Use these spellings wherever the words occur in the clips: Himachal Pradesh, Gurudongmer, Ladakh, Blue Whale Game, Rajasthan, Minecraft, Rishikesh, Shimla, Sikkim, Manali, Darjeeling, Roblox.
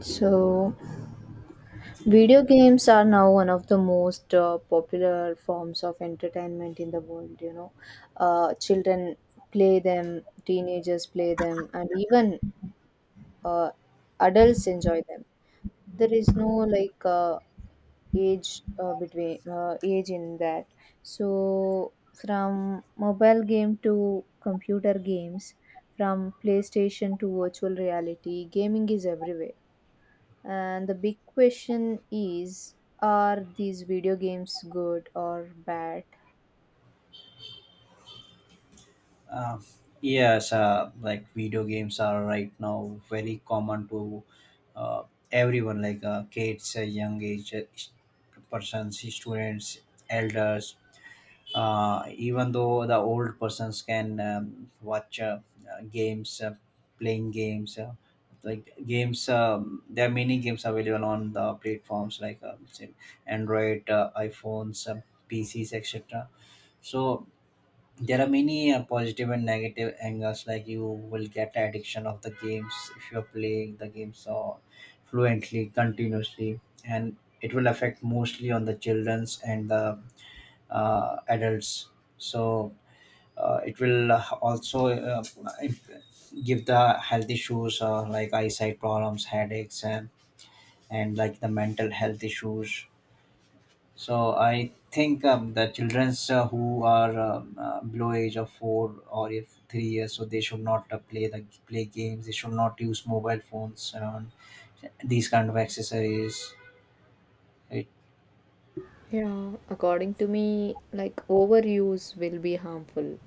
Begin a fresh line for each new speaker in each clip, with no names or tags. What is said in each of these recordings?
So, video games are now one of the most popular forms of entertainment in the world. Children play them, teenagers play them, and even uh, adults enjoy them. There is no like age between age in that. So, from mobile game to computer games, from PlayStation to virtual reality, gaming is everywhere. And the big question is, are these video games good or bad?
Uh, yes, like video games are right now very common to uh, everyone, like kids, young age persons, students, elders. Even though the old persons can watch games, playing games, like games, there are many games available on the platforms like say Android, iPhones, PCs, etc. So there are many positive and negative angles, like you will get addiction of the games if you're playing the game so fluently, continuously, and it will affect mostly on the children's and the adults. So it will also give the health issues like eyesight problems, headaches, and like the mental health issues. So I think the childrens who are below age of four or if 3 years, so they should not play the play games. They should not use mobile phones and these kind of accessories. Right?
Yeah, according to me, like overuse will be harmful.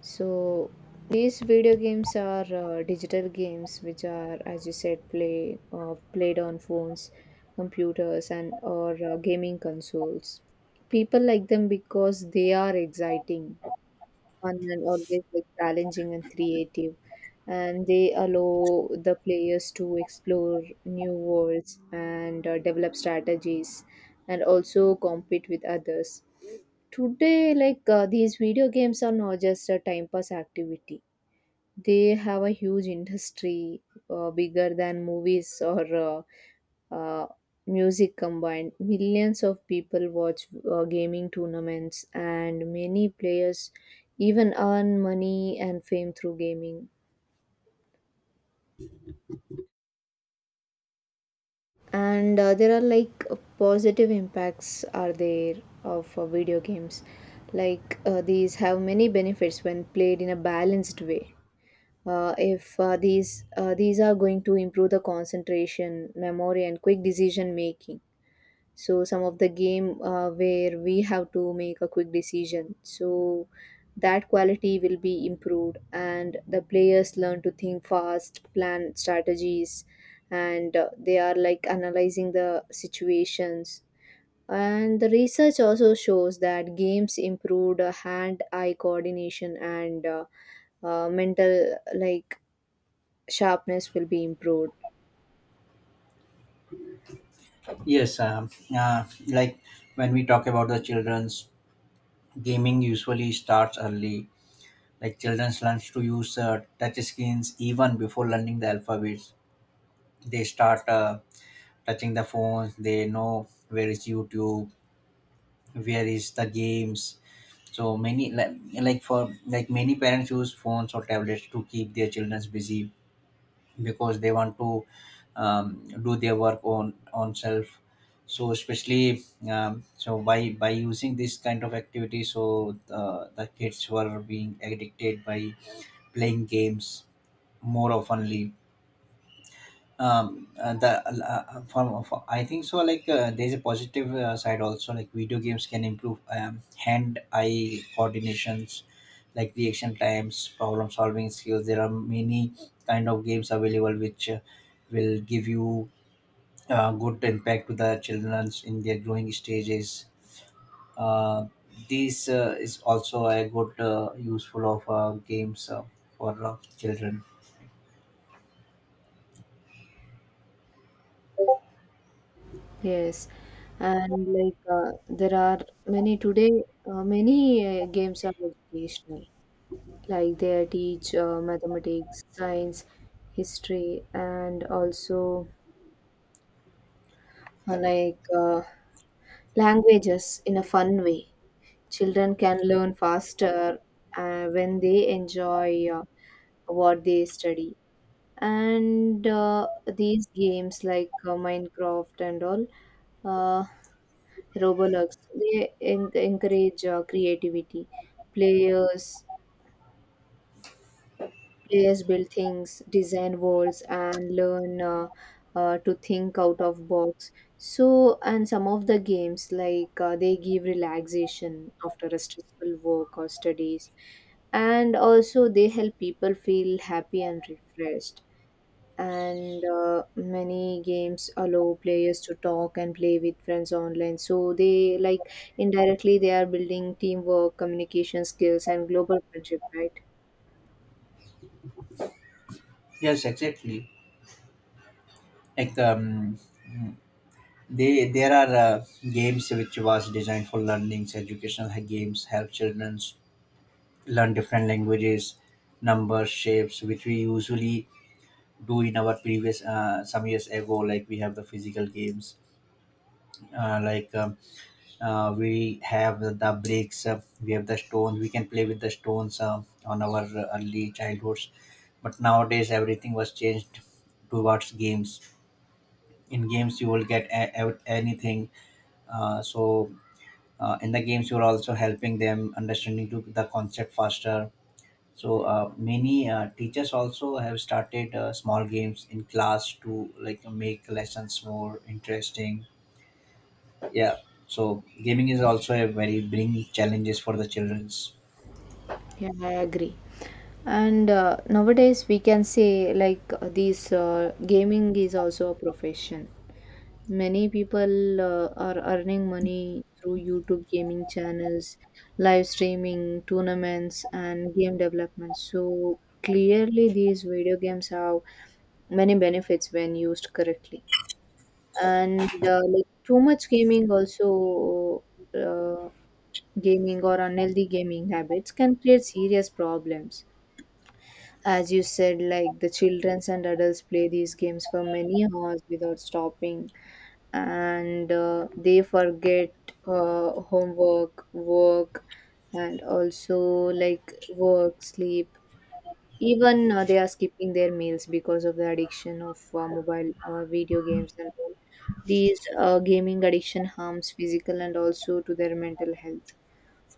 So, these video games are digital games which are, as you said, played on phones, computers, and or gaming consoles. People like them because they are exciting, fun, and always like challenging and creative, and they allow the players to explore new worlds and develop strategies and also compete with others. Today, like these video games are not just a time pass activity. They have a huge industry, bigger than movies or uh, music combined. Millions of people watch gaming tournaments, and many players even earn money and fame through gaming. And there are like positive impacts are there of video games. Like these have many benefits when played in a balanced way. If these are going to improve the concentration, memory, and quick decision making. So some of the game where we have to make a quick decision, so that quality will be improved, and the players learn to think fast, plan strategies, and they are like analyzing the situations. And the research also shows that games improved hand-eye coordination and mental like sharpness will be improved.
Yes, like when we talk about the childrens, gaming usually starts early. Like childrens learn to use touch screens even before learning the alphabets. They start touching the phones. They know where is YouTube, where is the games, so many like for like many parents use phones or tablets to keep their children busy because they want to um, do their work on self. So especially so by using this kind of activity, so the kids were being addicted by playing games more oftenly. The for I think so like there's a positive side also. Like video games can improve hand eye coordinations, like reaction times, problem solving skills. There are many kind of games available which will give you good impact to the children in their growing stages. uh, this is also a good useful of games for children.
Yes, and like there are many today, many games are educational. Like they teach mathematics, science, history, and also like languages in a fun way. Children can learn faster when they enjoy what they study. And these games like Minecraft and all. Uh, Roblox. They encourage creativity. Players players build things, design worlds, and learn to think out of box. So, and some of the games like they give relaxation after a stressful work or studies, and also they help people feel happy and refreshed. And many games allow players to talk and play with friends online, so they like indirectly they are building teamwork communication skills and global friendship, right?
Yes, exactly. Like they there are games which was designed for learnings. Games help children learn different languages, numbers, shapes, which we usually do. In our previous, some years ago, like we have the physical games, uh, like um, we have the bricks, we have the stones, we can play with the stones on our early childhoods. But nowadays everything was changed towards games. In games you will get anything. uh, so in the games you are also helping them understanding to the concept faster. So many teachers also have started small games in class to like make lessons more interesting. Yeah. So gaming is also a very bring challenges for the children's.
Yeah, I agree. And nowadays we can say like these gaming is also a profession. Many people are earning money through YouTube gaming channels, live streaming, tournaments, and game development. So clearly, these video games have many benefits when used correctly. And like too much gaming also uh, gaming or unhealthy gaming habits can create serious problems. As you said, like the children and adults play these games for many hours without stopping, and they forget homework, work, and also like work, sleep. Even they are skipping their meals because of the addiction of mobile video games and all. These gaming addiction harms physical and also to their mental health,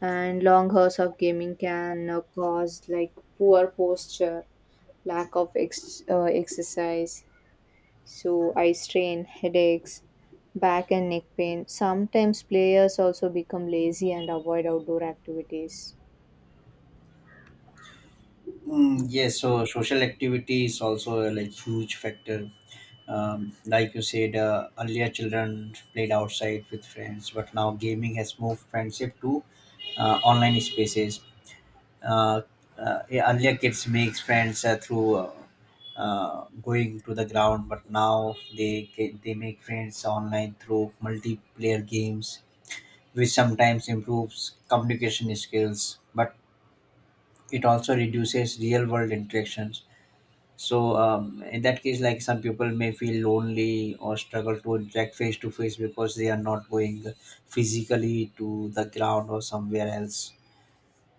and long hours of gaming can cause like poor posture, lack of exercise, so eye strain, headaches, back and neck pain. Sometimes players also become lazy and avoid outdoor activities.
Mm, yes, so social activity is also a like huge factor. Like you said, earlier children played outside with friends, but now gaming has moved friendship to online spaces. uh, yeah, earlier kids makes friends through going to the ground, but now they make friends online through multiplayer games, which sometimes improves communication skills, but it also reduces real world interactions. So in that case, like some people may feel lonely or struggle to interact face to face because they are not going physically to the ground or somewhere else.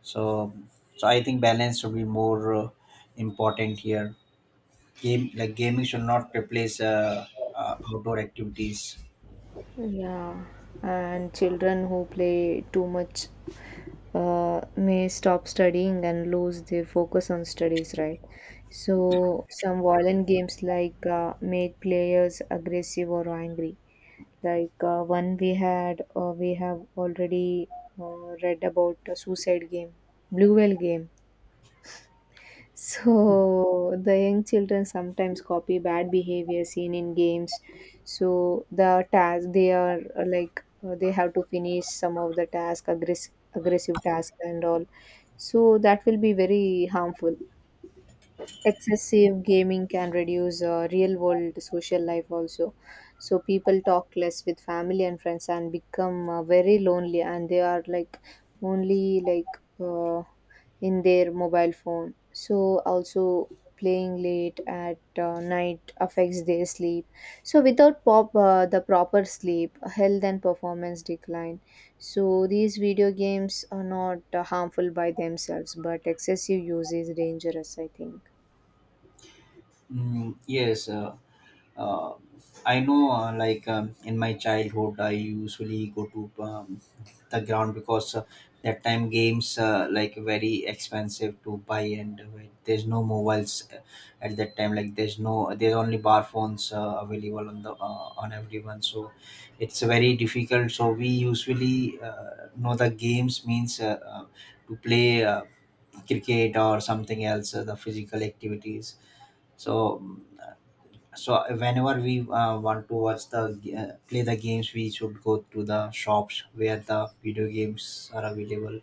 so so I think balance should be more important here. Game Like gaming should not replace outdoor activities.
Yeah, and children who play too much may stop studying and lose their focus on studies, right? So some violent games like make players aggressive or angry. Like we have already read about the Suicide Game, Blue Whale Game. So the young children sometimes copy bad behavior seen in games. So the task they are like they have to finish some of the task, aggressive task and all. So that will be very harmful. Excessive gaming can reduce real world social life also. So people talk less with family and friends and become very lonely, and they are like only like in their mobile phone. So also playing late at night affects their sleep. So without pop the proper sleep, health and performance decline. So these video games are not harmful by themselves, but excessive use is dangerous, I think.
Mm, yes, uh, I know, like in my childhood, I usually go to the ground because that time games like very expensive to buy, and there's no mobiles at that time. Like there's no, there's only bar phones available on the on everyone, so it's very difficult. So we usually know the games means to play cricket or something else, the physical activities. So so whenever we want to watch the play the games, we should go to the shops where the video games are available.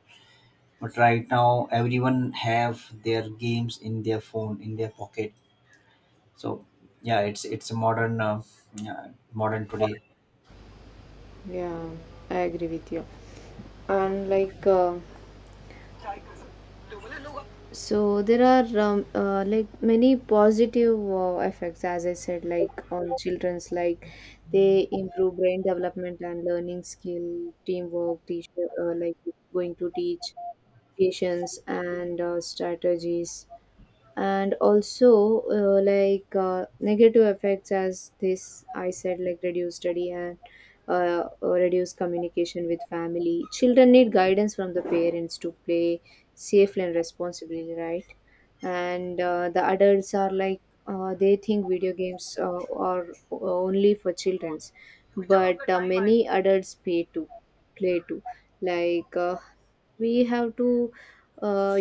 But right now everyone have their games in their phone, in their pocket. So yeah, it's a modern yeah, modern today.
Yeah, I agree with you. And like, so there are like many positive effects, as I said, like on children's, like they improve brain development and learning skill, teamwork, teacher, like going to teach patience and strategies. And also like negative effects, as this I said, like reduced study and reduced communication with family. Children need guidance from the parents to play safely and responsibly, right? And the adults are like they think video games are only for children's, but many adults pay to play too. Like we have to uh,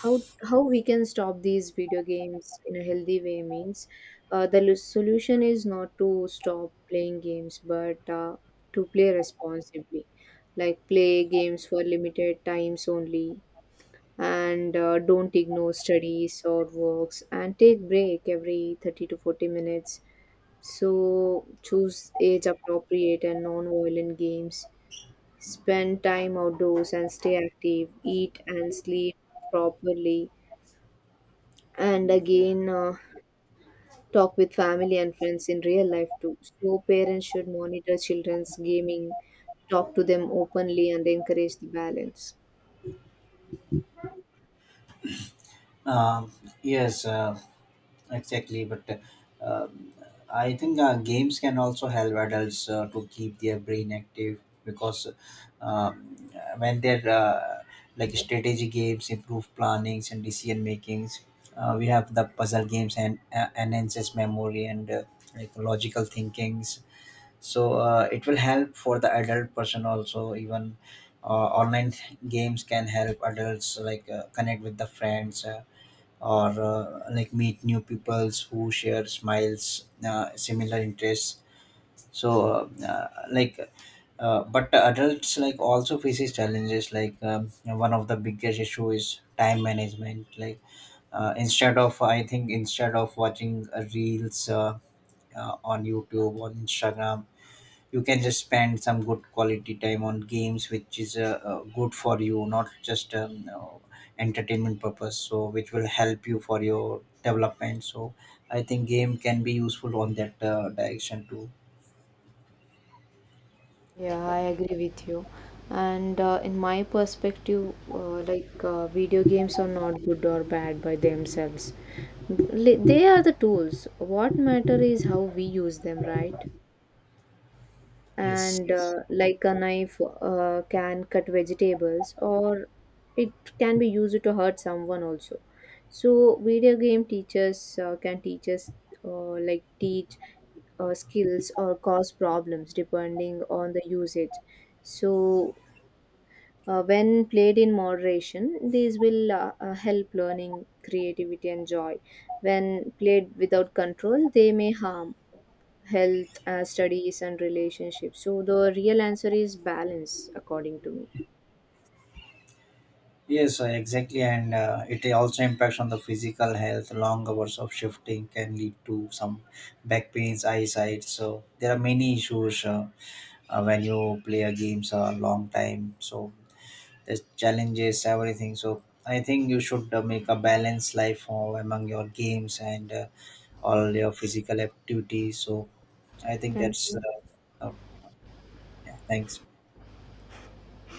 how we can stop these video games in a healthy way means the solution is not to stop playing games but to play responsibly. Like play games for limited times only, and don't ignore studies or works, and take break every 30 to 40 minutes. So choose age appropriate and non-violent games, spend time outdoors and stay active, eat and sleep properly, and again talk with family and friends in real life too. So, parents should monitor children's gaming, talk to them openly, and encourage the balance.
Um yes, exactly, but um, I think games can also help adults to keep their brain active because um, when they're like strategy games, improve plannings and decision makings. We have the puzzle games and enhances memory and like logical thinkings. So it will help for the adult person also. Even online games can help adults like connect with the friends. Or Like meet new peoples who share smiles similar interests. So but adults like also faces challenges. Like one of the biggest issue is time management. Like instead of I think instead of watching reels on YouTube, on Instagram, you can just spend some good quality time on games, which is good for you, not just entertainment purpose, so which will help you for your development. So I think game can be useful on that direction too.
Yeah, I agree with you. And in my perspective, like video games are not good or bad by themselves. They are the tools. What matter is how we use them, right?
Yes.
And like a knife can cut vegetables, or it can be used to hurt someone also. So video game teachers can teach us like teach skills, or cause problems depending on the usage. So when played in moderation, these will help learning, creativity, and joy. When played without control, they may harm health, studies, and relationships. So, the real answer is balance, according to me.
Yes, exactly, and it also impacts on the physical health. Long hours of shifting can lead to some back pains, eyesight, so there are many issues when you play a game a long time. So the challenges, everything. So I think you should make a balanced life among your games and all your physical activities. So I think
Thank
that's
you.
uh, yeah, thanks.